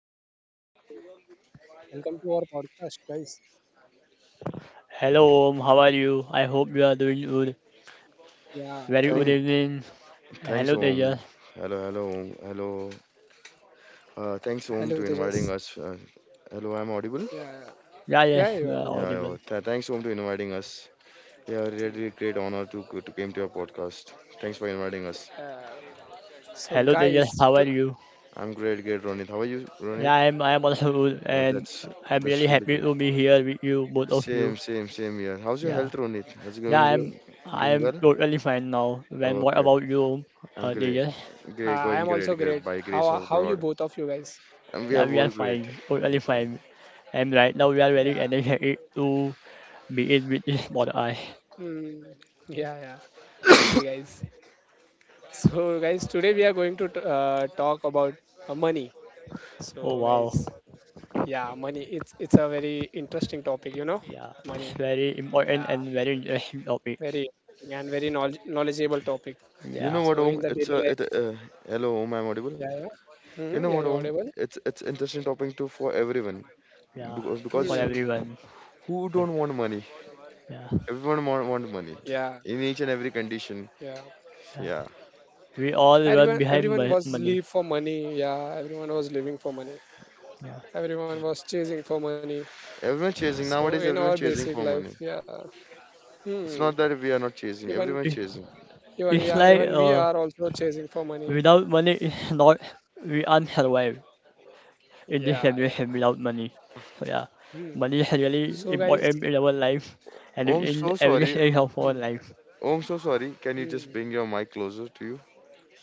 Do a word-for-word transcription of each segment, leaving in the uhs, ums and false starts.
and Tejas. So, welcome to our podcast, guys. Hello, Om. How are you? I hope you are doing good. Yeah, Very good Thank, evening. thanks, Hello, Om. Tejas. Hello, hello, Om. Hello. Uh, thanks, Om, to hello, inviting Tejas. us. Uh, hello, I'm audible. Yeah, yeah, Yeah, yes, Yeah, you are you're Yeah, audible. yeah. audible. Th- thanks, Om, to inviting us. Yeah, really Hmm. great honor to to came to your podcast. Thanks for inviting us. Uh, Hello, so, Tejas. How are guys, to, you? I'm great, great, Ronit. How are you, Ronit? Yeah, yeah. I'm. I'm also good, Uh, and that's I'm that's really really happy great. to be here with you, both of Same, you. same, same here. How's your Yeah, health, Ronit? How's it yeah, going? I'm. Good? Doing I'm well? totally fine now. When What Okay, about you, Om? I'm Uh, great. Tejas? Uh, Great, I am going also great, great. great by How grace are- of How you God. both of you guys? And we Yeah, are we are both great. fine. Totally We're fine. fine. And right now we are very Yeah. energetic to be in with this podcast. Hmm. Yeah, yeah. Let's see, guys. So, guys, today we are going to t- uh, talk about uh, money. Oh So, wow. guys, yeah, money. It's it's a very interesting topic, you know, Yeah, it's money. very important Yeah. and very interesting topic. Very interesting and very knowledge, knowledgeable topic. You Yeah. know what, So Om? in the It's daily a life, it. Uh, hello, Om. I'm audible. yeah, yeah, You know hmm what, yeah, you're Om? audible. It's it's interesting topic too for everyone Yeah, because, for because Hmm. everyone. who Well, don't want money? yeah, Everyone want, want money Yeah, in each and every condition. yeah. yeah. Yeah, We all Everyone, run behind everyone mo- was money. live for money. Yeah, everyone was living for money. Yeah, Everyone was chasing for money. everyone chasing So nowadays. in Everyone our chasing basic for money. life, yeah. It's Hmm. not that we are not chasing. Even, Everyone It- chasing even, for it's money. yeah, like even we uh, are also chasing for money. without money, it's not we are not survive in this Yeah, yeah. generation without money. So yeah, Hmm. money is really So guys, important in our life and in Om, in so every sorry. stage of our hmm. life. Om, so sorry. Can you just Hmm. bring your mic closer to you,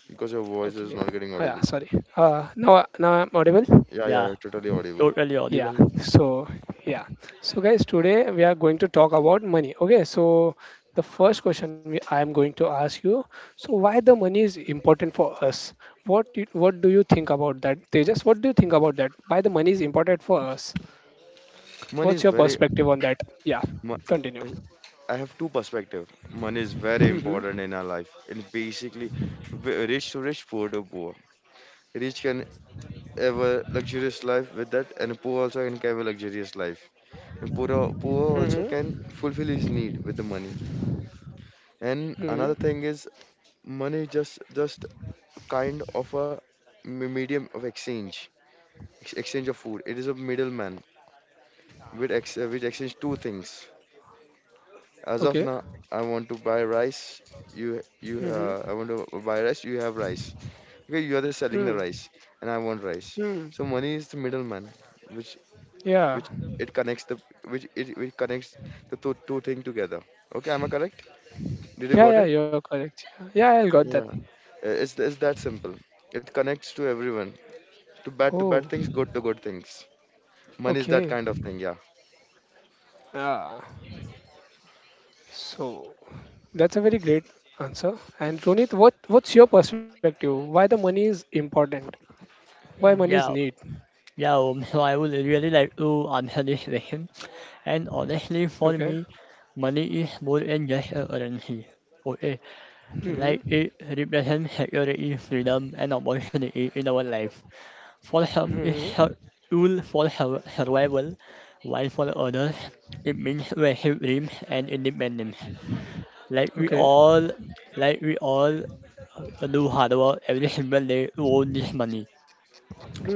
because your voice Okay. is not Oh, getting yeah. audible. Sorry. Uh, now, now I'm audible. Yeah, yeah, Yeah, yeah. Totally audible. totally Yeah, audible. so yeah. So guys, today we are going to talk about money. Okay, so the first question we, I am going to ask you, so why the money is important for us? What do, what do you think about that? Tejas, what do you think about that? Why the money is important for us? Money What's is your very. perspective on that? Yeah, Mu- continue. I have two perspective. Money is very Mm-hmm. important in our life, and basically, w- rich to rich, poor to poor. Rich can have a luxurious life with that, and poor also can have a luxurious life. And poor, poor also Mm-hmm. can fulfill his need with the money. And another Mm-hmm. thing is, money just just kind of a me- medium of exchange, ex- exchange of food. It is a middleman which ex- which exchange two things. As Okay. of now, I want to buy rice. You you Mm-hmm. uh, I want to buy rice. You have rice. Okay, you are the selling the Mm. rice, and I want rice. Mm. So money is the middleman, which Yeah. which it connects the which it, which connects the two two thing together. Okay, am I correct? Did you Yeah, got yeah, it? you're correct. Yeah, yeah, I got that. Yeah. Uh, it's it's that simple. It connects to everyone. To bad to Oh, bad things, good to good things. Money is that okay. kind of thing. Yeah. Yeah. So that's a very great answer. And Ronit, what what's your perspective? Why the money is important? Why Uh, money is Yeah, need? yeah. um, So I would really like to answer this question. And honestly, Okay. for me, money is more than just a currency. Okay. Hmm. Like it represents security, freedom, and opportunity in our life. For some, Hmm. it's a tool for sur- survival, while for others, it means massive dreams and independence. Like we Okay. all, like we all do hard work every single day to earn this money.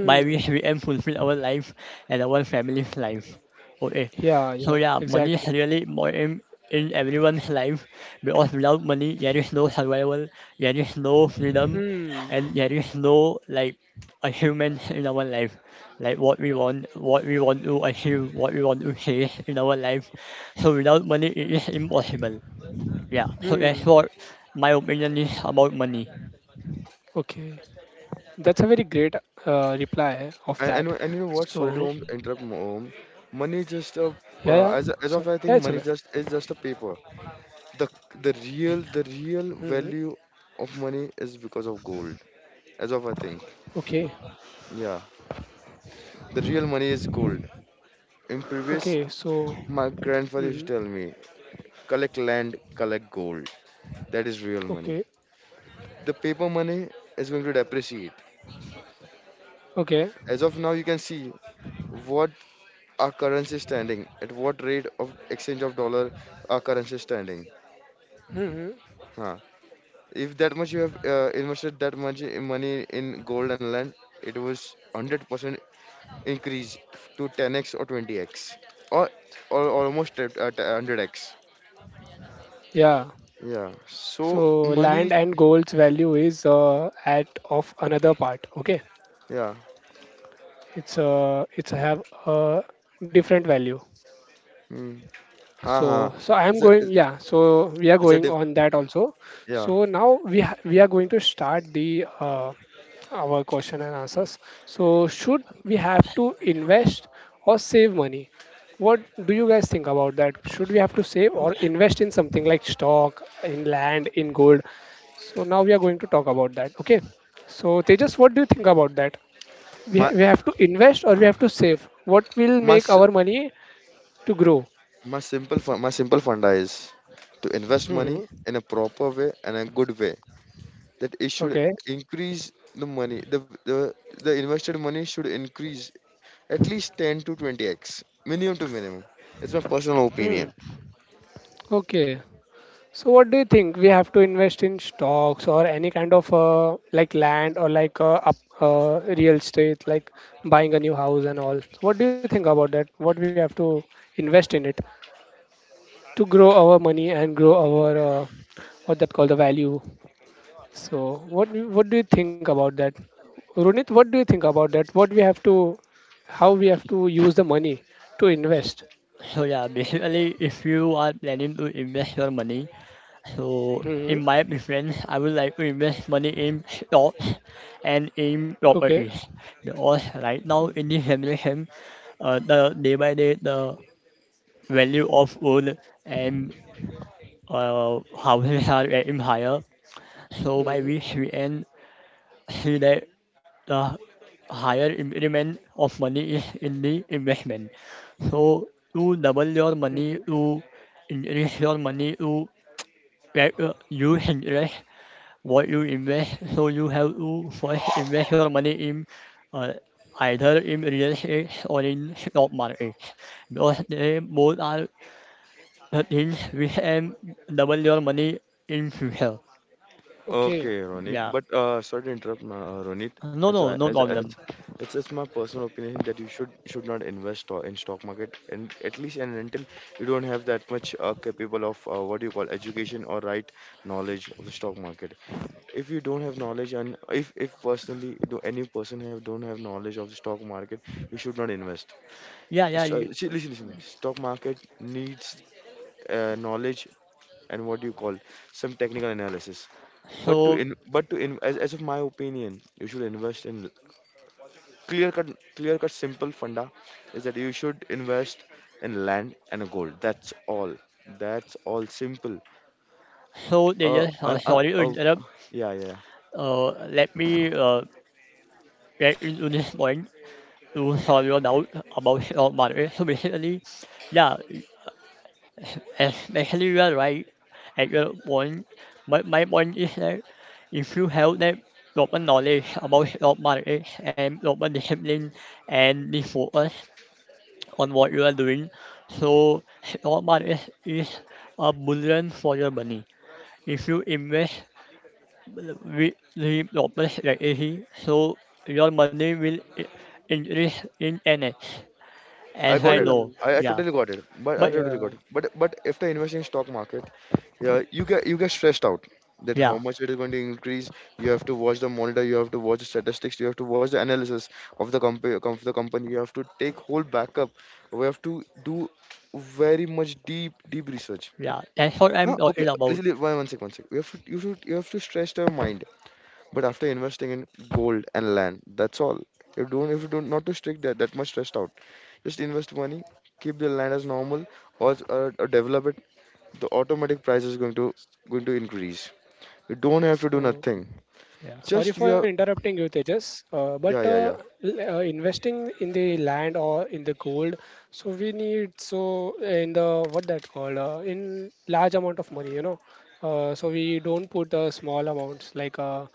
By we, we aim fulfill our life and our family's life. Okay, Yeah. so Yeah. yeah, money Exactly. is really important in everyone's life because without money, there is no survival, there is no freedom, Hmm. and there is no like achievements in our life, like what we want, what we want to achieve, what we want to chase in our life. So without money, it is impossible. Yeah, so that's Hmm. what my opinion is about money. Okay. That's a very great uh, reply of And, and that. you- and you know what? Sorry to So um, interrupt, Om. Money is yeah. just Yeah. a So uh, yeah, as a- it's As okay. of I think, money is just is just a paper. The the real the Hmm. real value of money is because of gold. As of I think, Okay. yeah, the real money is gold. In previous, Okay. So. my grandfather Hmm. used to tell me, collect land, collect gold. That is real money. Okay. The paper money is going to depreciate. Okay. As of now, you can see what our currency is standing at, what rate of exchange of dollar our currency is standing. Hmm. Huh. If that much you have uh, invested, that much i- money in gold and land, it was one hundred percent increase f- to ten x or twenty x, or, or almost at at one hundred x. Yeah. Yeah, so So land money and gold's value is uh, at of another part. Okay, yeah. it's uh, it's have a different value. mm. Ha ha. So so I am It's a going it's yeah. So we are it's a going diff on that also. Yeah. So now we ha- we are going to start the uh, our question and answers. So, should we have to invest or save money? What do you guys think about that? Should we have to save or invest in something like stock, in land, in gold? So, now we are going to talk about that. Okay. So, Tejas, what do you think about that? We, my we have to invest or we have to save? What will my make s- our money to grow? my simple fun, my simple funda is to invest money Hmm. in a proper way and a good way, that it should Okay. increase the money, the the, the invested money should increase. At least ten to twenty x, minimum to minimum. It's my personal opinion. Hmm. Okay. So what do you think? We have to invest in stocks or any kind of uh, like land or like uh, up, uh, real estate, like buying a new house and all. So what do you think about that? What we have to invest in it to grow our money and grow our uh, what that called the value. So what do- what do you think about that? Runit, what do you think about that? What we have to, how we have to use the money to invest? So yeah, basically, if you are planning to invest your money, so in my Hmm. preference, I would like to invest money in stocks and in properties. Okay. Because right now in this generation, uh, the day by day the value of gold and uh, houses are getting higher. So by Hmm. which we can see that the higher increment of money is in the investment. So to double your money, to increase your money, to get uh, you interest what you invest. So you have to first invest your money in uh, either in real estate or in stock market because they both are the things which can double your money in future. Okay, Okay. Ronit. Yeah. But uh, sorry to interrupt, my, uh, Ronit. No, As no, I, no as as problem. it's it's my personal opinion that you should should not invest to- in stock market, and at least and until you don't have that much uh, capable of uh, what do you call education or right knowledge of the stock market. If you don't have knowledge, and if if personally do any person have don't have knowledge of the stock market, you should not invest. Yeah, yeah. It's, you- uh, see, listen, listen. Stock market needs uh, knowledge and what do you call some technical analysis. But to So, in but to in as, as of my opinion, you should invest in clear cut clear cut simple funda, is that you should invest in land and gold. That's all. That's all simple. so they Uh, just an, uh, a, sorry to a, interrupt. yeah, yeah. Uh, let me uh, get into this point to solve your doubt about stock market. So basically, yeah, especially you are right at your point. But my point is that if you have that proper knowledge about stock market and proper discipline and the focus on what you are doing, so stock market is a bullion for your money. If you invest we the global strategy so your money will i- increase in N H I as I got it. know. Hmm. I, I Yeah. totally got it. But I But totally got it. Yeah. But but if the investing in stock market, yeah, you get you get stressed out, that how yeah, much it is going to increase. You have to watch the monitor. You have to watch the statistics. You have to watch the analysis of the company. Of the company. You have to take whole backup. We have to do very much deep deep research. yeah. That's what I'm Huh? Okay. talking about. Listen, li- one one sec, one sec. You have to you have to, you have to stress your mind. But after investing in gold and land, that's all. You don't, if you don't, not to strict that that much stressed out. Just invest money, keep the land as normal, or, or, or develop it. The automatic price is going to going to increase. You don't have to do So nothing. Yeah. Just sorry you for have, interrupting you, Tejas. Uh, yeah, but yeah, yeah. Uh, l- uh, investing in the land or in the gold, so we need so in the what that called uh, in large amount of money, you know. Uh, so we don't put uh, small amounts like uh,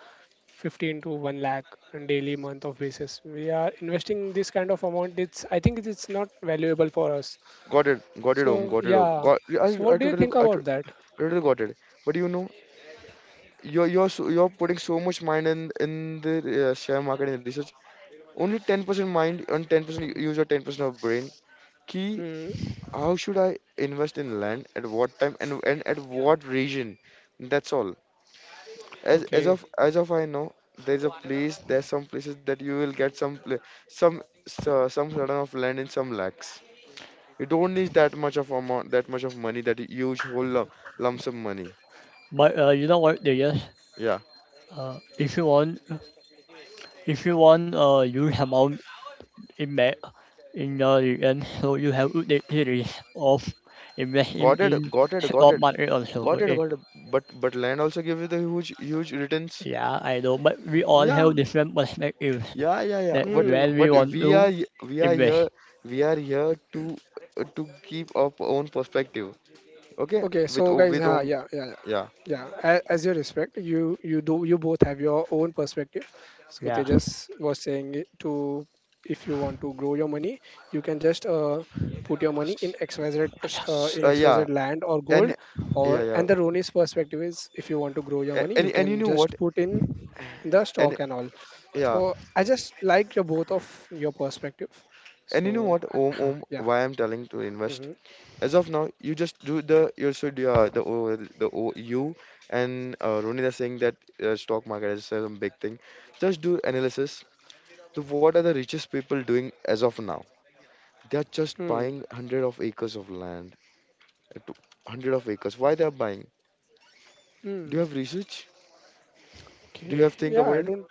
fifteen to one lakh on daily month of basis. We are investing this kind of amount. It's I think it's not valuable for us. Got it, got it, home, So got it, home. yeah. Got, yeah, I, So I what do you totally, think I to- about that? totally got it. But you know, you're you're so, you're putting so much mind in in the uh, share market and research. Only ten percent mind and ten percent use your ten percent of brain. Key, Hmm. how should I invest in land, at what time and and at what region? That's all. as as Okay. of as of I know, there's a place. There's some places that you will get some pla some so- some sort of land in some lakhs. You don't need that much of amount, that much of money, that huge whole lump, lump sum money. But uh, you know what they just Yeah, uh, if you want if you want a huge amount in that in your region, so you have to take series of investing got it, in got it, got stock it, market also. got it, Okay. got it. But but land also give you the huge huge returns. Yeah, I know, but we all Yeah, have different perspectives yeah, yeah, yeah. that But where Hmm. we but want we to are y- we are here invest. we are here to uh, to keep our own perspective. Okay, Okay, so with o- guys, with uh, own. yeah, yeah, Yeah. yeah. yeah, a- As you respect, you you do you both have your own perspective. So they Yeah, just was saying it to if you want to grow your money, you can just uh, put your money in S- XYZ tr- uh, s- in uh, X Y Z yeah. land or gold. And Or yeah, yeah. and the Roni's perspective is if you want to grow your A- money, and you and you can know what, just put in the and stock and all. yeah So I just like your both of your perspective. and you So know what, om om yeah. why I'm telling to Hmm. invest, as of now, you just do the, you should yeah, the O- the O- you and uh, Ronit are saying that uh, stock market is some big thing. Just do analysis, the what are the richest people doing as of now. They are just Hmm. buying hundred of acres of land, uh, to- hundred of acres. Why they are buying? Do you Hmm. have research? Do you Okay. have think Yeah, about I it? don't.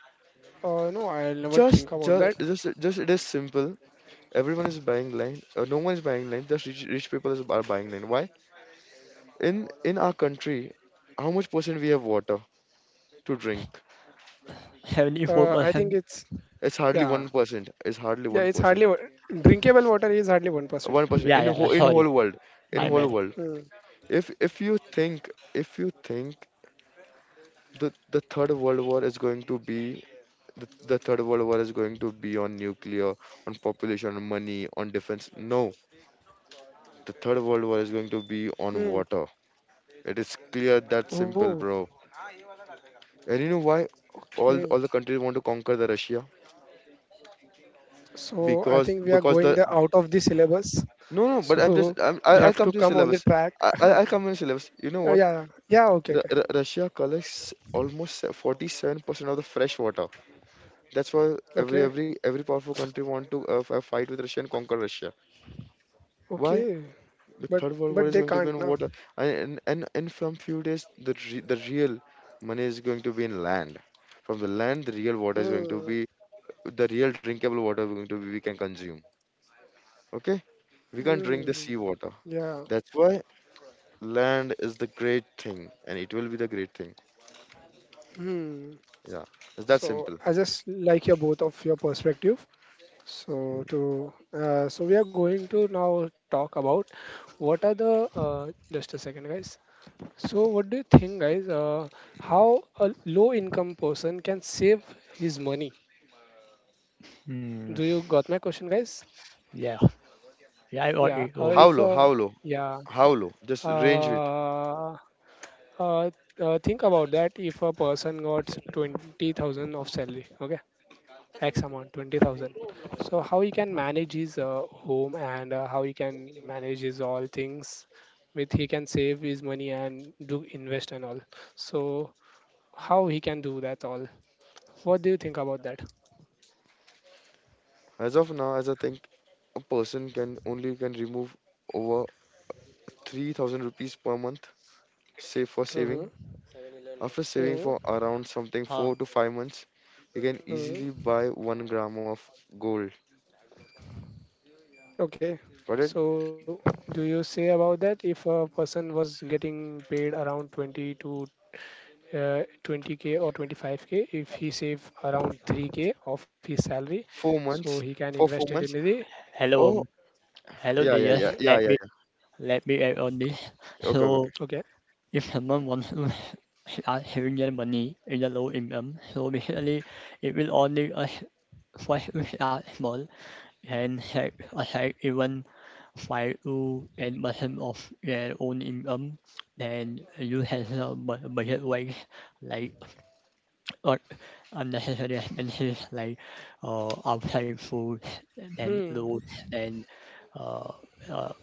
Uh, no, I'll never just think about just that. just, just it is simple. Everyone is buying land, uh, no one is buying land, just rich, rich people is, are buying land. Why? In in our country, how much percent we have water to drink? heavenly Uh, football. I think Hem- it's It's hardly yeah, one percent. It's hardly yeah. It's one percent. hardly wa- drinkable water is hardly one percent. one percent yeah, in yeah, yeah. whole in whole Sorry, world, in my whole bad. world. Hmm. If if you think if you think, the the third world war is going to be, the, the third world war is going to be on nuclear, on population, on money, on defense, no, the third world war is going to be on Hmm. water. It is clear that simple, Oh, bro. And you know why okay. all all the countries want to conquer the Russia? So I Because think we are because going the the out of the syllabus. no no. But I'm just So I'm, I we I'll have come to to the come on the syllabus. track. I I- I'll come to the syllabus. You know Uh, what? Yeah, yeah. Okay, R- okay, R- Russia collects almost forty-seven percent of the fresh water. That's why every okay, every every powerful country want to uh, f- fight with Russia and conquer Russia. Why? okay. The But third world war but is they going to be can't in now. water, and and and, and from few days, the re- the real money is going to be in land. From the land, the real water is going to Hmm. be the real drinkable water is going to be, we can consume. Okay, we can't drink the Hmm. sea water. Yeah. That's why land is the great thing, and it will be the great thing. Hmm. Yeah, it's that So simple. I just like your both of your perspective. So to uh, so we are going to now talk about what are the uh, just a second, guys. So what do you think, guys? Uh, how a low-income person can save his money? Hmm. Do you got my question, guys? Yeah, yeah. I got Yeah. it. Uh, Um. How if low? uh, How low? yeah. How low? Just range it. Uh, uh, uh, think about that. If a person got twenty thousand of salary, okay, X amount, twenty thousand. So how he can manage his uh, home and uh, how he can manage his all things with he can save his money and do invest and all. So how he can do that all? What do you think about that? As of now, as I think, a person can only can remove over three thousand rupees per month, save for saving. Hmm. After saving for Hmm. around something Huh. four to five months, you can easily buy Hmm. one gram of gold. Okay. Got it? So do you say about that if a person was getting paid around twenty to uh, twenty k or twenty-five k if he save around three k of his salary Four so months, he can for four invest it months. in the Hello. Oh, Um. Hello, yeah, yeah, dear. yeah, hmm yeah, Let yeah, me yeah. let me add on this. Okay, okay, So, okay. okay if someone wants to start having their money in a low income, so basically, it will only us first to start small and set aside even five to ten percent of their own income. Then you have some bu- budget wise like like unnecessary expenses like uh, outside food, then loot, hmm then uh, uh,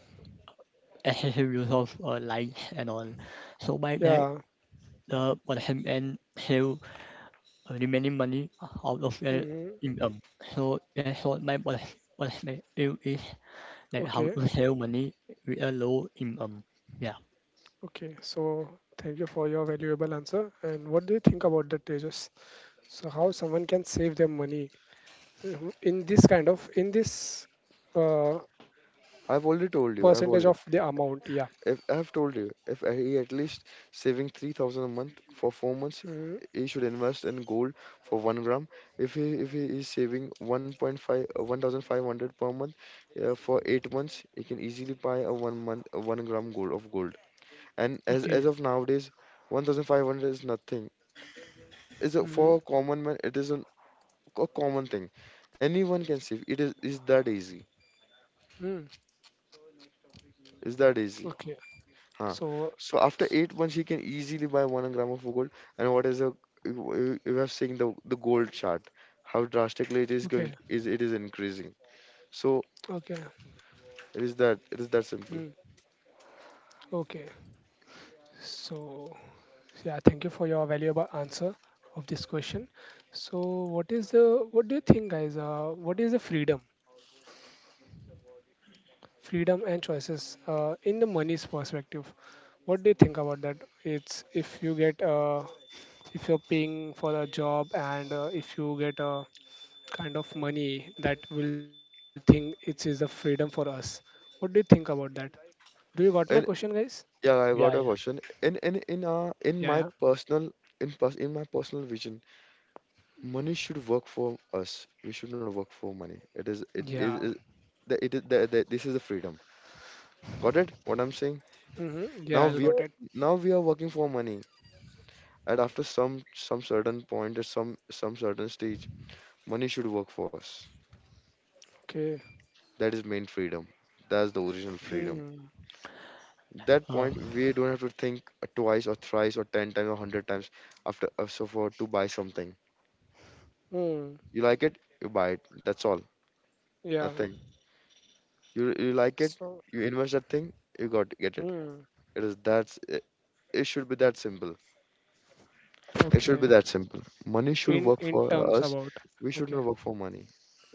excessive use of uh, lights and all. So by that, yeah the person can save remaining money out of their hmm income. So that's what my pers- perspective is, like okay how to save money with a low income. Yeah. okay so thank you for your valuable answer and what do you think about that tejas so how someone can save their money. Mhm. In this kind of in this uh, I've already told you. I've percentage already. of the amount yeah If I've told you, if he at least saving three thousand a month for four months, hmm he should invest in gold for one gram. If he if he is saving one point five, uh, one thousand five hundred per month, uh, for eight months, he can easily buy a one month a one gram gold of gold. And as okay as of nowadays, one thousand five hundred is nothing. Is a hmm. for a common man? It is an, a common thing. Anyone can save. It is is that easy. Hmm. Is that easy? Okay. Huh. So, So after s- eight months, he can easily buy one gram of gold. And what is a you you- you have seen the the gold chart, how drastically it is going okay. to, is it is increasing. So Okay. it is that it is that Hmm. simple. Okay. So, yeah, thank you for your valuable answer of this question. So, what is the, what do you think, guys? Uh, what is the freedom? Freedom and choices uh, in the money's perspective. What do you think about that? It's if you get uh, if you're paying for a job and uh, if you get a kind of money that will think it is a freedom for us. What do you think about that? Do you got my question, And guys? Yeah, I got Yeah, a yeah. question. In in in uh Yeah, in yeah, my personal in pers in my personal vision, money should work for us. We should not work for money. It is it is yeah. is- the it is the, the this is the freedom. Got it? What I'm saying? Mm-hmm. Yeah, Now I we got are it. now we are working for money. And after some some certain point at some some certain stage money should work for us. Okay. That is main freedom, that's the original freedom. Hmm. That Uh, point we don't have to think twice or thrice or ten times or one hundred times after uh, so for to buy something. Hmm. You like it, you buy it. That's all, Yeah. nothing. You you like it, So. you invest that thing, you got to get it. Hmm. It is That's it, it should be that simple, it should Okay. be that simple. Money should In work in for terms us, about. we Okay. should not work for money.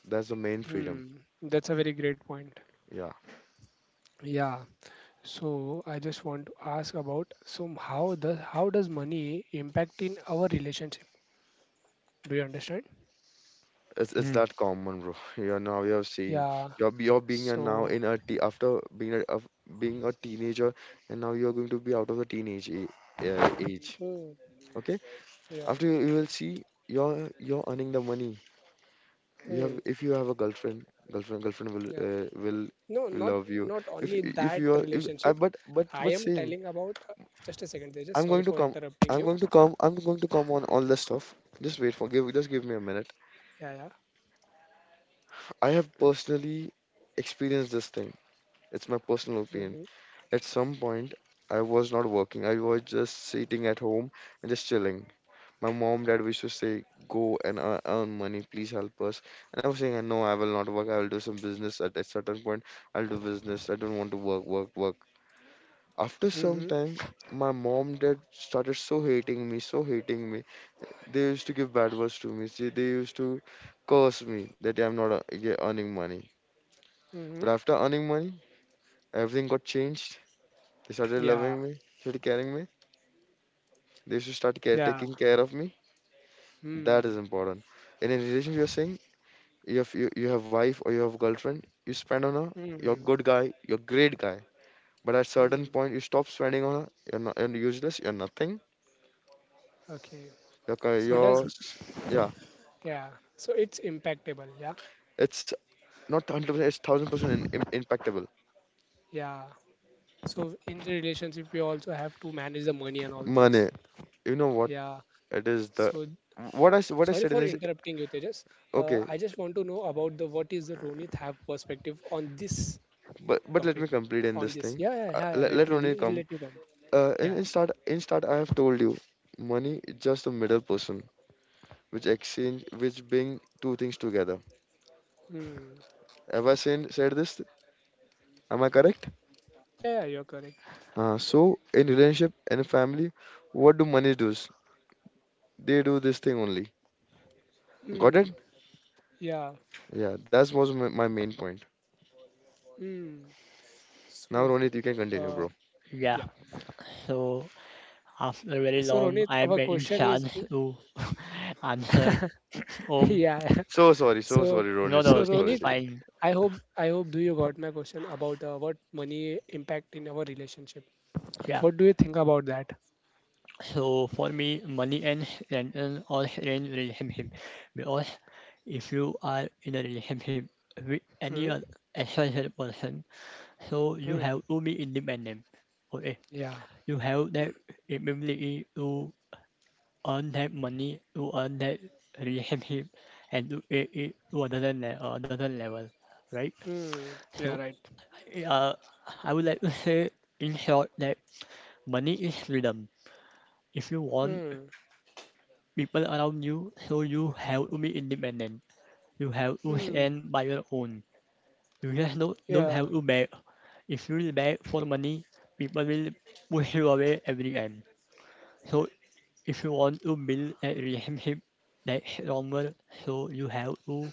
That's the main freedom. Hmm. That's a very great point. Yeah. Yeah. So I just want to ask about so how does how does money impact in our relationship? Do you understand? It's it's hmm, that common, bro. You're now you have seen Yeah. you're be- you're being a now So in a te after being a of being a teenager, and now you're going to be out of the teenage a, uh, age. mm, Okay, yeah. after you, you will see you're you're earning the money. You have Mm, if you have a girlfriend, girlfriend, girlfriend will yeah. uh, will No, will not love you. not only If that if you are if relationship. I but but I but am saying telling about uh, just a second, just I'm sorry going for to come, interrupting you. I'm going to come, I'm going to come on all this stuff. Just wait for give just give me a minute. Yeah, yeah. I have personally experienced this thing. It's my personal Mm-hmm. opinion. At some point, I was not working. I was just sitting at home and just chilling. My mom, dad used to say, "Go and ear- earn money. Please help us." And I was saying, "No, I will not work. I will do some business." At a certain point, I'll do business. I don't want to work, work, work. After Mm-hmm. some time, my mom, dad started so hating me, so hating me. They used to give bad words to me. See, they used to curse me that I'm not uh, yeah, earning money. Mm-hmm. But after earning money, everything got changed. They started Yeah, loving me, started caring me. They used to start care, yeah. taking care of me. That Hmm. is important. In a relationship, you're saying you have you, you have wife or you have girlfriend. You spend on her. You're Hmm. good guy. You're great guy. But at certain Hmm. point, you stop spending on her. You're not. You're useless. You're nothing. Okay. You're ki- So does you're s- yeah. yeah. So it's impactable. Yeah. It's not hundred percent. It's thousand percent in, im- impactable. Yeah. So in the relationship, we also have to manage the money and all things. Money. You know what? Yeah. It is the So what I s- what I sorry said in for this. interrupting you, Tejas. Uh, Okay, I just want to know about the what is the Ronit have perspective on this but but let me topic, complete in on this this. thing. Yeah. Yeah. Uh, Yeah. Yeah, let let let me Ronil come. let you come. Uh, in, Yeah. in start, in start, I have told you, money is just a middle person, which exchange, which bring two things together. Hmm. Have I seen, said this? Am I correct? Yeah. Yeah, you're correct. Uh, so in relationship and family, what do money does? They do this thing only. Got Hmm. it? Yeah. Yeah, that was my, my main point. Hmm. So. Now, Ronit, you can continue, Uh. bro. yeah. Yeah. So after very So long, Ronit, I'm our in question is, chance to answer. yeah. Um, Yeah. So sorry, so So sorry, no, Ronit. So no, so it's sorry. Ronit, fine. I hope I hope do you got my question about uh, what money impact in our relationship? Yeah. What do you think about that? So for me, money and and and all in relationship because if you are in a relationship with any Hmm. other extranjero person, so you Hmm. have to be independent. Okay, Yeah. you have that ability to earn that money, to earn that relationship, and to take it to another le- another level, right? Hmm. Yeah. So, Right. uh, I would like to say in short that money is freedom. If you want Hmm. people around you, so you have to be independent. You have to Hmm. stand by your own. You just don't, don't Yeah. have to beg. If you really beg for money, people will push you away every time. So if you want to build a relationship that's stronger, so you have to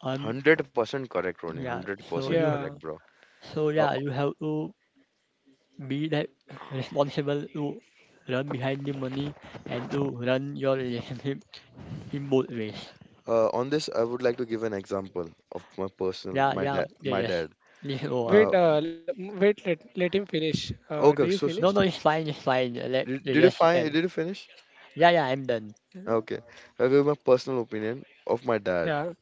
um one hundred percent correct, Ronit. yeah, so one hundred percent you correct, Yeah. bro. so Uh, yeah, you have to be that responsible to run behind the money and to run your relationship in both ways. uh, on this, I would like to give an example of my personal, Yeah, my yeah, dad, you my dad. just you go on. Uh, Wait. Uh. l- m- Wait. Let Let him finish. Uh. Do you Okay, okay, so finished? No, sorry. no, it's fine, it's fine. Let Did, you did you just find? end. Did you finish? Yeah, yeah, I'm done. Okay, I'll give my personal opinion of my dad. Yeah.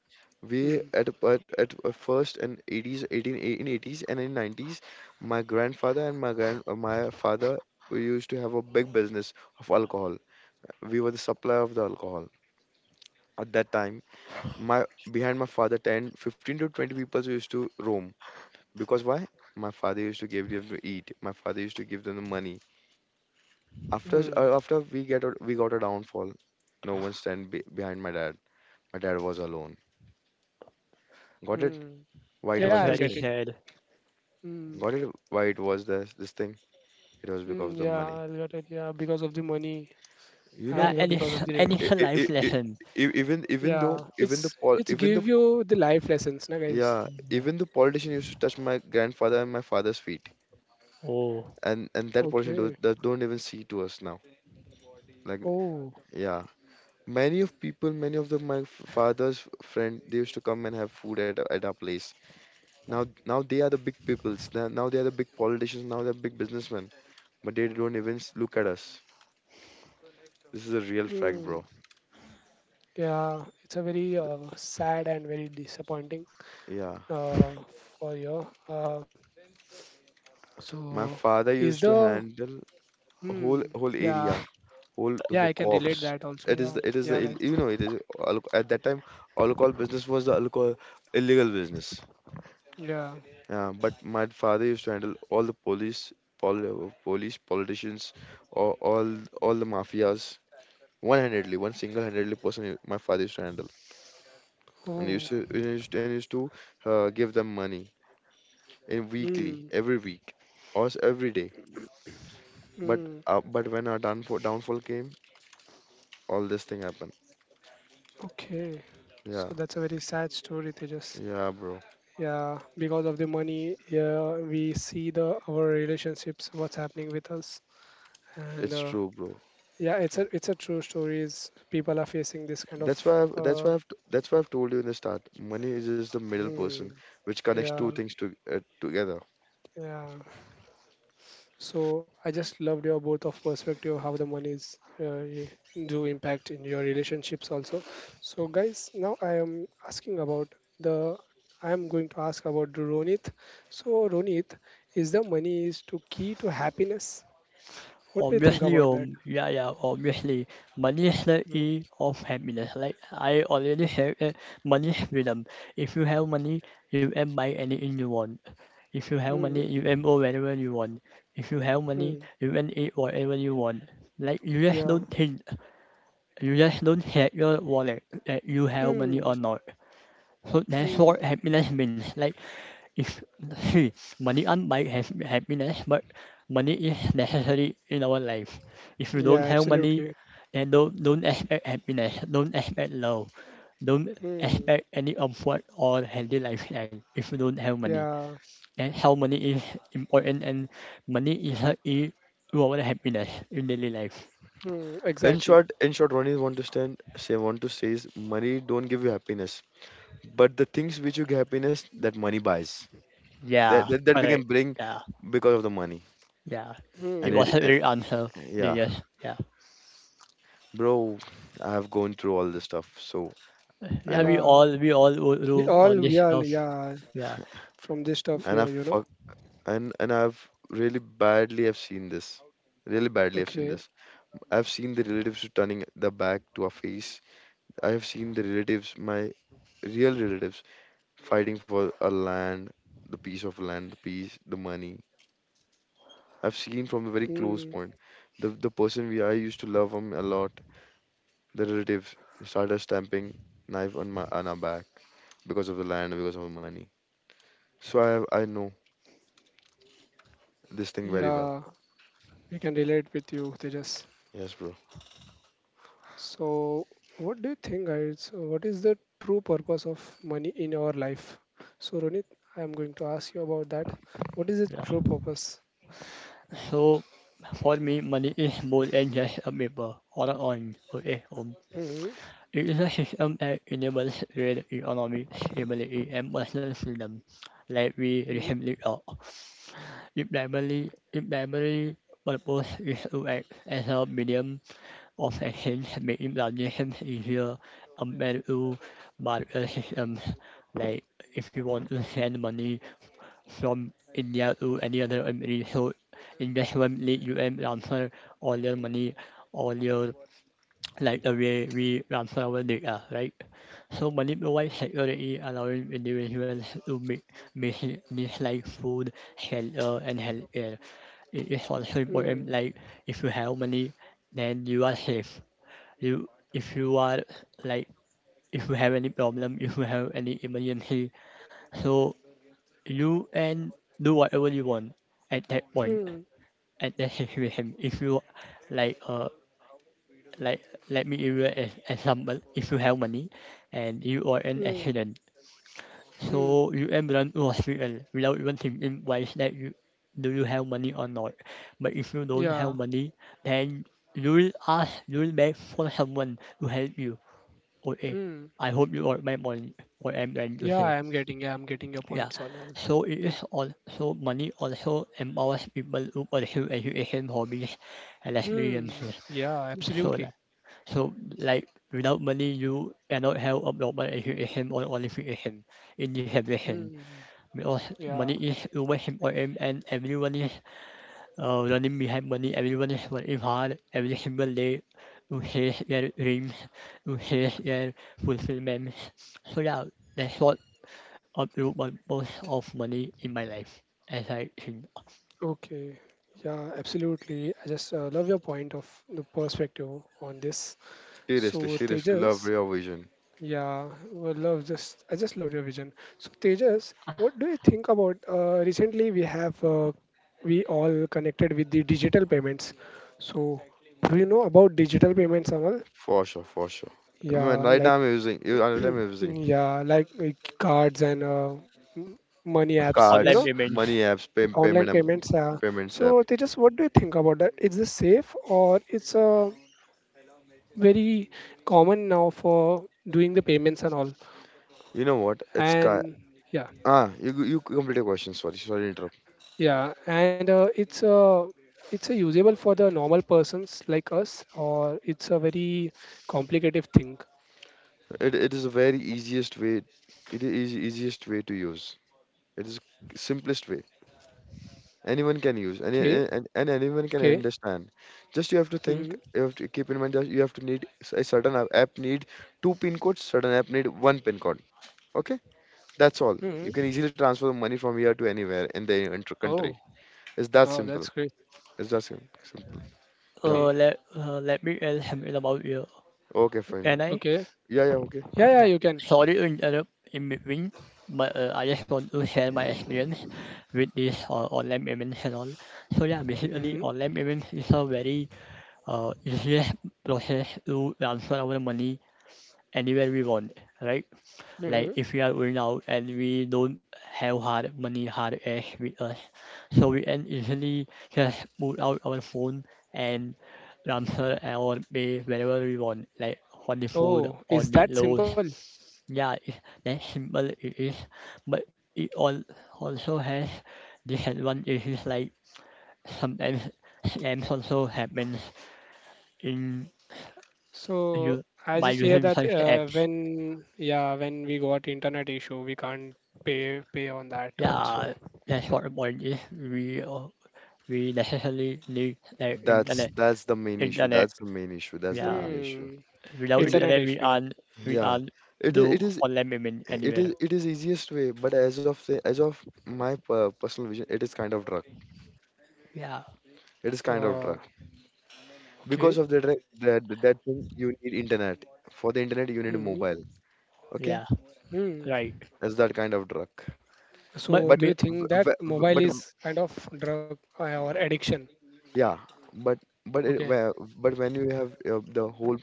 We Hmm. at a- at, at a first in eighties, eighteen a- in eighties and in nineties, my grandfather and my grand uh, my father we used to have a big business of alcohol. We were the supplier of the alcohol at that time. My Behind my father, ten, fifteen to twenty people used to roam because why? My father used to give them to eat. My father used to give them the money. After s- Hmm. uh, after we get a, we got a downfall, no one stand be behind my dad. My dad was alone. Got it? Hmm. Why it That's Yeah. was I'll this very get it. thing? sad. Hmm. Got it? Why it was this this thing? It was because Mm, of the yeah, money. I got it. Yeah, because of the money You know Yeah, and uh, and what? because it's of the and I, it's a I, I, life I, lesson. e- even even yeah, though even the it's pol it's even the give you the life lessons, na guys. yeah Yeah. even the politician used to touch my grandfather and my father's feet, Oh, and and that politician do, Okay. that don't even see to us now. Like Oh. yeah, many of people, many of the my f- father's friend, they used to come and have food at our- at our place. Now, now they are the big peoples. Now now they are the big politicians. Now they're big businessmen. But they don't even s- look at us. This is a real fact, Mm, bro. yeah, it's a very uh, sad and very disappointing Yeah, uh, for you. Uh, my So, father is used to the handle whole mm, whole yeah, area, whole to yeah, the I can relate cops. that also. It is Yeah, the it is yeah, the ill- guys. you know it is al- at that time alcohol business was the alcohol illegal business. Yeah, Yeah, but my father used to handle all the police, pol police, politicians, all all all the mafias one-handedly, one single-handedly person. My father used to handle. and Oh. used to and used and used to uh, give them money in weekly Mm, every week or s- every day. But uh, mm. but when our downfall downfall came, all this thing happened. Okay. Yeah. So that's a very sad story, Tejas. Yeah, bro. Yeah, because of the money, yeah, we see the our relationships, what's happening with us, and It's uh, true, bro. yeah, it's a it's a true story. Is people are facing this kind that's of, why I've, that's uh, why I've t- that's why I've told you in the start money is just the middle hmm, person which connects two yeah, things to uh, together. yeah. So I just loved your both of perspective how the monies uh, y- do impact in your relationships also. So guys, now I am asking about the I am going to ask about Ronit. So Ronit, is the money is to key to happiness? What do you think obviously, about that? um, yeah, yeah, obviously, money is the Hmm. E of happiness. Like I already said, uh, money is freedom. If you have money, you can buy anything you want. If you have Hmm. money, you can go wherever you want. If you have money, Hmm. you can eat whatever you want. Like you just Yeah. don't think. You just don't check your wallet that you have money Hmm. or not. So that's Hmm. what happiness means. Like, if, see, money can't buy has happiness, but money is necessary in our life. If you Yeah. don't have money, Absolutely. then don't, don't expect happiness, don't expect love, don't Hmm. expect any comfort or healthy lifestyle if you don't have money. Yeah. That's how money is important, and money is a key to our happiness in daily life. Hmm. In Exactly. short, in short Ronnie want to stand say want to say is money don't give you happiness, but the things which you get happiness that money buys, that Yeah, that, that we alright, can bring yeah. because of the money. Yeah, it And it, Hmm. was a great answer. yeah, Yes, yeah, bro, I've gone through all this stuff, so I yeah. know. We Yeah. all we all go through We all all. this We all. stuff. Yeah. Yeah, From this stuff And here, I've you know. fuck and and I've really badly have seen this. Really badly I've seen Okay. this. I've seen the relatives turning the back to our face. I have seen the relatives, my real relatives, fighting for a land, the piece of land, the piece, the money. I've seen from a very close Mm, point. The the person we I used to love him a lot, the relatives started stamping knife on my on our back because of the land, because of the money. So I have, I know this thing very yeah, well. we can relate with you, Tejas. Yes, bro. So, what do you think, guys? What is the true purpose of money in our life? So, Ronit, I am going to ask you about that. What is the yeah. true purpose? So for me, money is more than just a paper or a coin, or a home. Mm-hmm. It is a system that enables trade, economic stability, and personal freedom, like we recently talked. It primarily, it primarily purpose is to act as a medium of actions making transitions easier compared to barter systems. Like if you want to send money from India to any other country, so in this one like you can transfer all your money, all your like the way we transfer our data, right? So money provides security, allowing individuals to make basic needs like food, shelter, and healthcare. It is also important like if you have money, then you are safe you if you are like if you have any problem if you have any emergency so you can do whatever you want at that point at that situation if you like uh like let me give you an example. If you have money and you are Mm. in Hmm. accident Hmm. Mm. so you can run to hospital without even thinking twice that you do you have money or not, but if you don't have Yeah. money then you'll ask you'll beg for someone to help you. Okay. Hmm. I hope you got my point, what I'm trying to Yeah, say. I'm getting. Yeah, I'm getting your Yeah. points. All, all. So it is Yeah. also money also empowers people to pursue education hobbies and Hmm. experiences. Yeah. So that Absolutely. so like without money you cannot have a proper education or qualification in this edition Hmm. because money Yeah. is always important and everyone is uh, running behind money, everyone is working hard every single day to chase their dreams, to chase their fulfillment. So yeah, that's what a true purpose of money in my life, as I think. Okay. Yeah, absolutely. I just uh, love your point of the perspective on this. So Seriously, seriously, love Tejas, real vision. yeah, well, love just I just love your vision. So Tejas, what do you think about uh, recently we have uh, we all connected with the digital payments. So do you know about digital payments, Amal? For sure, for sure. When Yeah, right now like I'm using, you- right now I'm using yeah like uh, cards and uh, money apps you Online know cards, payments. money apps, pay, Online payment um, payments, uh, payments app. so they just what do you think about that? Is this safe or it's uh, very common now for doing the payments and all? You know what? It's ca and yeah, ah, you go- you complete your question. Sorry, sorry to interrupt. yeah, and uh, it's uh, it's a usable for the normal persons like us, or it's a very complicated thing? It it is a very easiest way. It is easiest way to use. It is simplest way. Anyone can use any Okay, and, and anyone can okay. understand, just you have to think, Mm-hmm. you have to keep in mind that you have to need s- a certain app, app need two pin codes, certain app need one pin code. Okay, that's all. You can Mm-hmm. easily transfer money from here to anywhere in the inter- country. Oh, It's that wow, simple. that's great. It's that sim- simple. Yeah. Uh, okay, let uh, let me tell something about you. Okay, fine. Can I? okay. Yeah, yeah, okay. Yeah, yeah, Yeah. you can. Sorry to interrupt in between, but uh, I just want to share my experience with this uh, online payments and all. So yeah, basically Mm-hmm. online payments is a very uh, just process to transfer our money anywhere we want, right? Like Hmm. if we are going out and we don't have hard money, hard cash with us, so we can easily just pull out our phone and transfer our pay wherever we want, like on the food, Oh, is on the that load. simple? Yeah, it, that's simple it is, but it all also has disadvantages like sometimes scams also happen in So you I by just hear using that such uh, apps. when, yeah, when we got internet issue, we can't pay pay on that yeah also. that's what the point is we uh, we necessarily need the that's internet. that's the main issue, internet that's the main issue that's the yeah main issue. Hmm. without it's a- Internet internet we issue. aren't we yeah, aren't it i- do it is, online payment it anywhere. is it is easiest way, but as of the- as of my per- personal vision, it is kind of drug. Yeah, It is kind of Uh, drug. Because okay. of the drug, that that thing, you need internet. For the internet, you need a Hmm. mobile. Okay, yeah, Hmm. right. that's that kind of drug. but, So, But do but you w- think that w- w- mobile but w- is kind of drug uh, or addiction? yeah, but but it, Okay. whe- but when you have uh, the whole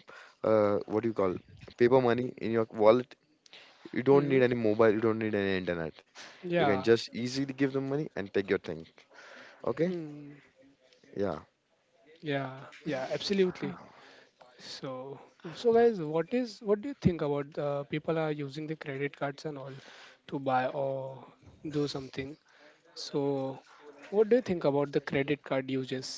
uh, what do you call paper money in your wallet, you don't Hmm. need any mobile. You don't need any internet. You can Yeah. just easily give them money and take your thing. Okay, Mm. yeah. Yeah. Yeah. Absolutely. So, so guys, what is what do you think about uh, people are using the credit cards and all to buy or do something? So, what do you think about the credit card uses?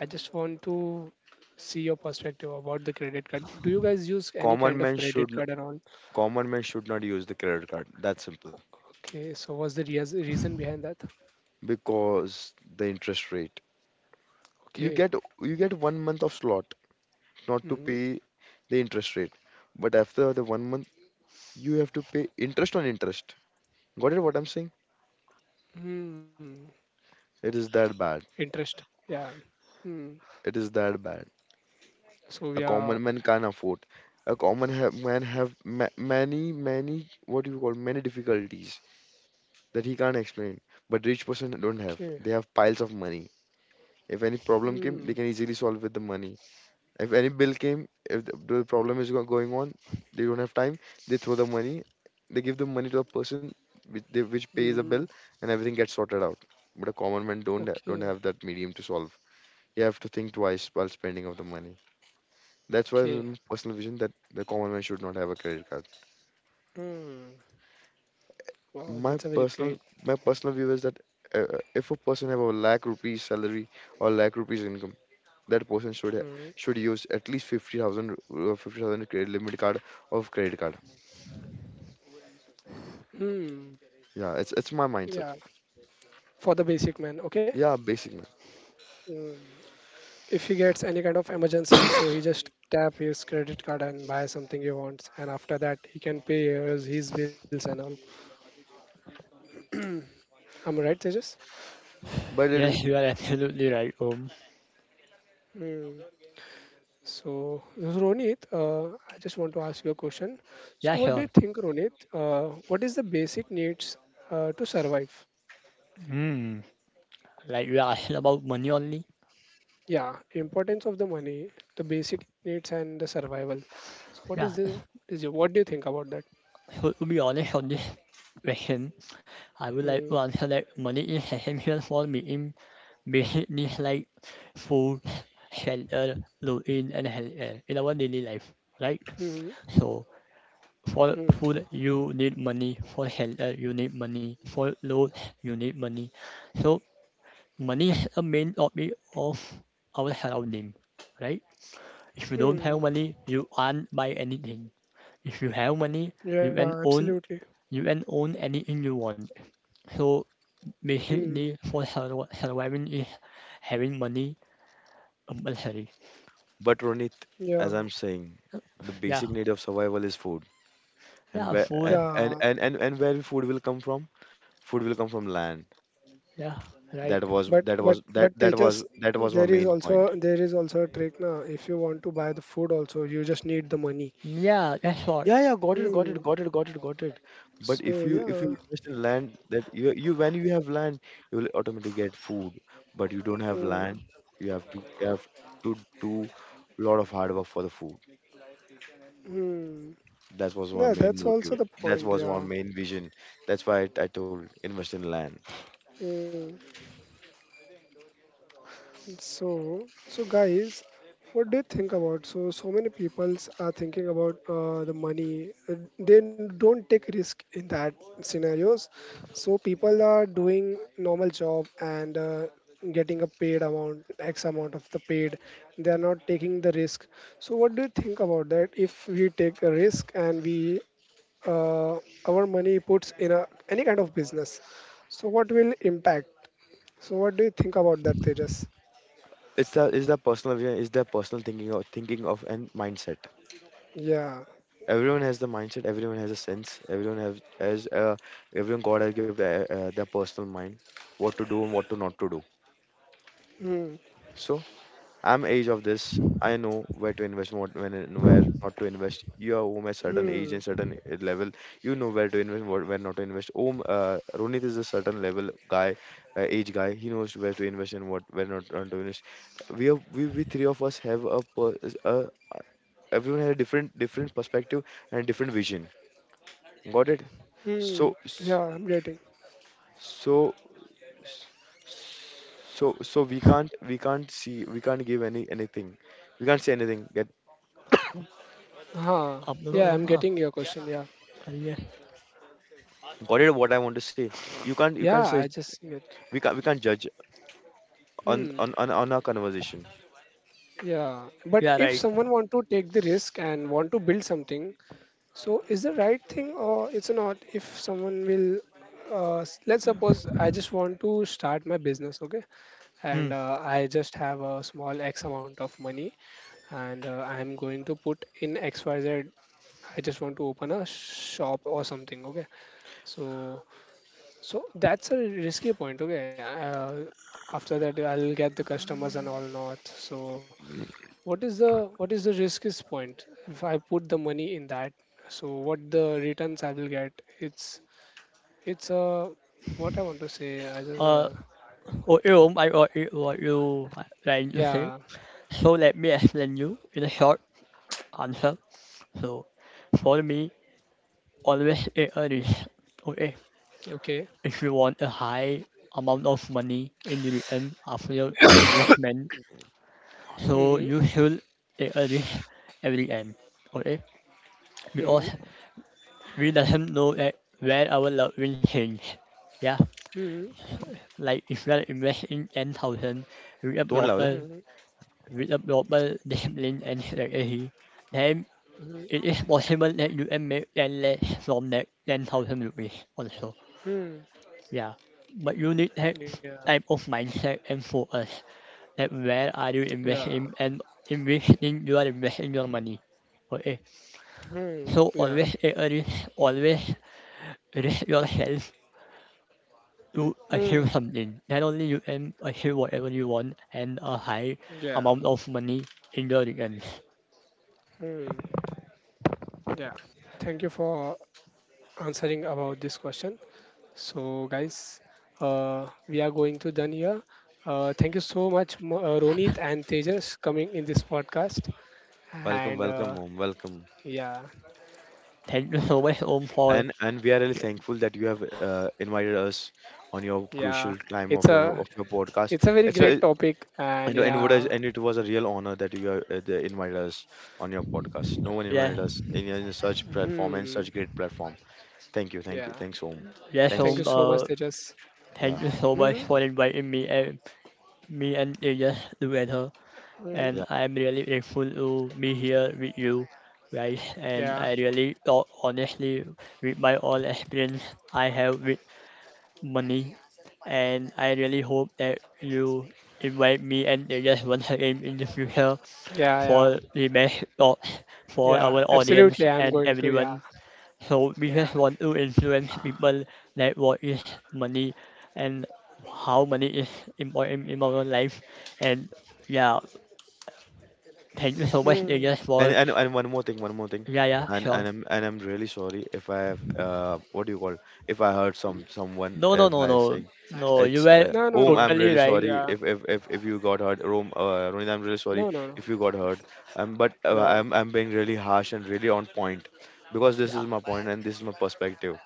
I just want to see your perspective about the credit card. Do you guys use any Common kind of man credit should n- card and all? common man should not use the credit card. That's simple. Okay, so what's the reas reason behind that? Because the interest rate. you Okay. get you get one month of slot not to Mm-hmm. pay the interest rate, but after the one month you have to pay interest on interest. Got it what I'm saying? Mm. It is that bad. Interest. Yeah. Hmm. It is that bad. So we A are common man can't afford. A common ha- man have ma- many many, what do you call, many difficulties that he can't explain. But rich person don't have, okay. they have piles of money. If any problem came Hmm, they can easily solve with the money. If any bill came, if the, the problem is go- going on, they don't have time, they throw the money, they give the money to a person which they, which pays a bill, hmm. and everything gets sorted out. But a common man don't ha- don't Okay. have that medium to solve. You have to think twice while spending of the money. That's why Okay. my personal vision that the common man should not have a credit card. Hmm. Wow, My that's a very personal great. my personal view is that uh, uh, if a person have a lakh rupees salary or lakh rupees income, that person should ha- Hmm, should use at least fifty thousand uh, fifty thousand credit limit card of credit card. hmm. Yeah, it's it's my mindset. Yeah. For the basic man, okay? Yeah, basic man. Hmm. If he gets any kind of emergency, so he just tap his credit card and buy something he wants, and after that he can pay his, his bills and all. I'm right, Tejas. But it is yes you are absolutely right. um Hmm. So, Ronit, uh, I just want to ask you a question. So, Yeah, what do you sure. think, Ronit? Uh, what is the basic needs uh, to survive? Hmm. Like you are asking about money only. Yeah, importance of the money, the basic needs, and the survival. So, what is Yeah. the what is your what do you think about that? So to be honest on this question I would like Hmm. to answer that money is essential for meeting بيحقني like food, shelter, routine, and health care in our daily life, Hmm. right? So Hmm. for food you need money, for shelter you need money, for road you need money. So money is a main topic of our surrounding, right? If you Hmm. don't have money, you can't buy anything. If you have money, Yeah, you can absolutely. own you can own anything you want. So Hmm. basically, for survi- surviving is having money compulsory. But Ronit, Yeah. as I'm saying, the Yeah, basic need of survival is food. And yeah, where a- food. and Yeah. and and, and where food will come from? Food will come from land. Yeah, right. That was but that but was that but they that was just that was my there is main also point. there is also a trick now. If you want to buy the food also, you just need the money. Yeah, that's what. Yeah, yeah, got it, got it, Hmm. got it, got it, got it. But if So you if you yeah. invest in land, that you you when you have land, you will automatically get food. But you don't have Hmm. land, you have to you have to do lot of hard work for the food. Mm. That was my Yeah, main that's also motive. the That point. was my Yeah. main vision. That's why I, I told invest in land. Mm. So, so guys, what do you think about? So, so many peoples are thinking about uh, the money. Uh, they don't take risk in that scenarios. So, people are doing normal job and uh, getting a paid amount, X amount of the paid. They are not taking the risk. So, what do you think about that? If we take a risk and we uh, our money puts in a any kind of business, so what will impact? So, what do you think about that, Tejas? It's the it's the personal vision. It's the personal thinking of thinking of and mindset. Yeah. Everyone has the mindset. Everyone has a sense. Everyone have as uh, everyone God has given uh, uh, their personal mind, what to do and what to not to do. Hmm. So I'm age of this. I know where to invest, what when and where not to invest. You are home at certain age Hmm. and certain i- level. You know where to invest, what where not to invest. Om, uh, Ronit is a certain level guy, uh, age guy. He knows where to invest and what where not, not to invest. We are we, we three of us have a, per- a everyone has a different different perspective and different vision. Got it? Hmm. So Yeah, s- I'm getting. so s- so so we can't we can't see we can't give any anything. We can't say anything. Get. Huh. I'm not, Yeah, no, I'm no. getting your question. Yeah. Yeah, Got it? What I want to say. You can't. You Yeah, can't say. I just get. We can't. We can't judge on Hmm. on on, on our conversation. Yeah. But yeah, if right. someone want to take the risk and want to build something, so is the right thing or it's not? If someone will, uh, s- let's suppose I just want to start my business, okay, Hmm. and uh, I just have a small X amount of money, and uh, I'm going to put in x y z. I just want to open a shop or something, okay? So So that's a risky point. Okay. Uh, after that, I'll get the customers and all not. So what is the what is the riskiest point if I put the money in that? So what the returns I will get? It's it's a what I want to say. I just uh, Uh, oh, you, I got it, what you are trying to yeah. say. So let me explain you in a short answer. So, for me, always take a risk. Okay, Okay. if you want a high amount of money in the return after your investment, so Hmm. you should take a risk every time. Okay, Hmm. because we doesn't know that where our loved will is. Yeah, Hmm. like if we are investing ten thousand with a Don't proper, lavle. Hmm. with a proper discipline and strategy, then it Hmm. is possible that you can make ten less from that ten thousand rupees also. Hmm. Yeah, but you need that Yeah. type of mindset and focus that where are you Yeah. investing and in which thing you are investing your money. Okay, Hmm. so Yeah. always take a risk, always risk yourself to achieve Hmm. something. Not only you can achieve whatever you want and a high Yeah. amount of money in the returns. Hmm. Yeah, thank you for answering about this question. So, guys, uh, we are going to done here. Uh, thank you so much, Mo- uh, Ronit and Tejas, coming in this podcast. Welcome. And Welcome uh, home. Welcome. yeah, Thank you so much, Om, for And and we are really thankful that you have uh, invited us on your yeah, crucial time it's of your a of your podcast. it's a very It's great a topic. And and and what is, yeah, and it was a real honor that you uh, they invited us on your podcast. No one yeah, invited us in, a- in such platform and hmm, such great platform. Thank you. Thank you. yeah, Thanks, home. yes, Om. thank Thanks. you so Uh, much, Tejas. thank Yeah. you so much Hmm, for inviting me and me and Tejas together. hmm, And Yeah. I'm really grateful to be here with you guys. And yeah, I really thought honestly with my all experience I have with money. And I really hope that you invite me and the guest once again in the future yeah, yeah, for the best thoughts for yeah. our audience Absolutely, I'm and going to. Yeah, everyone. So we just yeah. want to influence people that what is money and how money is important in our life. And yeah, thank you so much Hmm. Tejas And for and and one more thing, one more thing, yeah yeah and sure. and I'm and I'm really sorry if I have uh what do you call, if I hurt some someone No uh, no by no no, saying no you it's were uh, No, no, Om. no. I'm totally really right. sorry Yeah. if if if, if you got hurt, Rome. Uh, Ronit, I'm really sorry No, no, no. if you got hurt. Um, but uh, No. I'm I'm being really harsh and really on point because this Yeah. is my point and this is my perspective.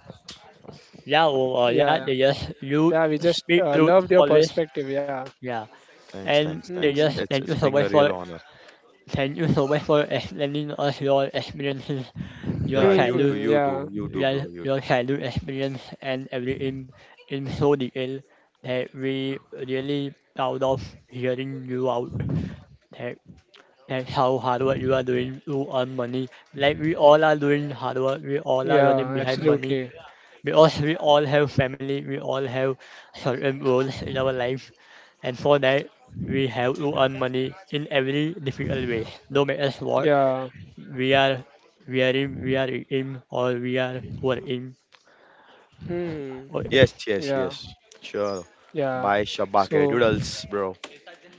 Yeah, or, or Yeah, yeah, yeah, they just you yeah. We just speak uh, truth loved your always. perspective. Yeah. Yeah, Thanks, and thanks, they Hmm. thanks. just It's thank it's you so being much a real for honor. thank you so much for explaining us your experiences, your Yeah, you Hmm. too, childhood, you Yeah. too, you too, bro, your, you too. your childhood experience, and everything in so detail that we really proud of hearing you out. That that's how hard work you are doing to earn money. Like we all are doing hard work, we all are running Yeah. behind money. Absolutely. We all we all have family. We all have certain roles in our life, and for that we have to earn money in every difficult way. No matter what Yeah. we are, we are in, we are in, or we are working. Hmm. Okay, Yes, yes, Yeah. yes. Sure. Yeah. Bye, Shabake So, doodles, bro.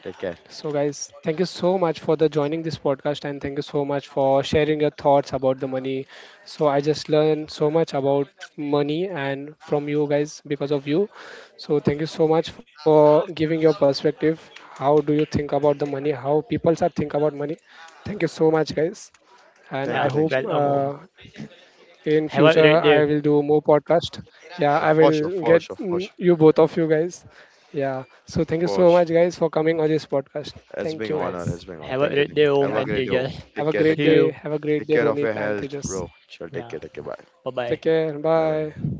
Take care. so guys, thank you so much for the joining this podcast, and thank you so much for sharing your thoughts about the money. So I just learned so much about money and from you guys because of you. So thank you so much for giving your perspective. How do you think about the money? How people are think about money? Thank you so much, guys. Thank And you, yeah. I thanks. To. hope Welcome home. uh, in Have a great future I day. will do more podcast. Yeah, Yeah, I for sure, will for get sure, for mm, sure, you both of you guys. Yeah. So thank you for so much sure. guys for coming on this podcast. It's Thank been you Yeah. honor, guys. it's been honor. Have a Thank you, great thank day you. Have home, a Yeah. and great you day. Om. just Have Take a care, great take see care. day. you. Have a great Take day, care of your Ronit and health, Tejas. bro. Sure, take Yeah. care, take care. Bye. Bye bye. Take care. Bye bye. Bye.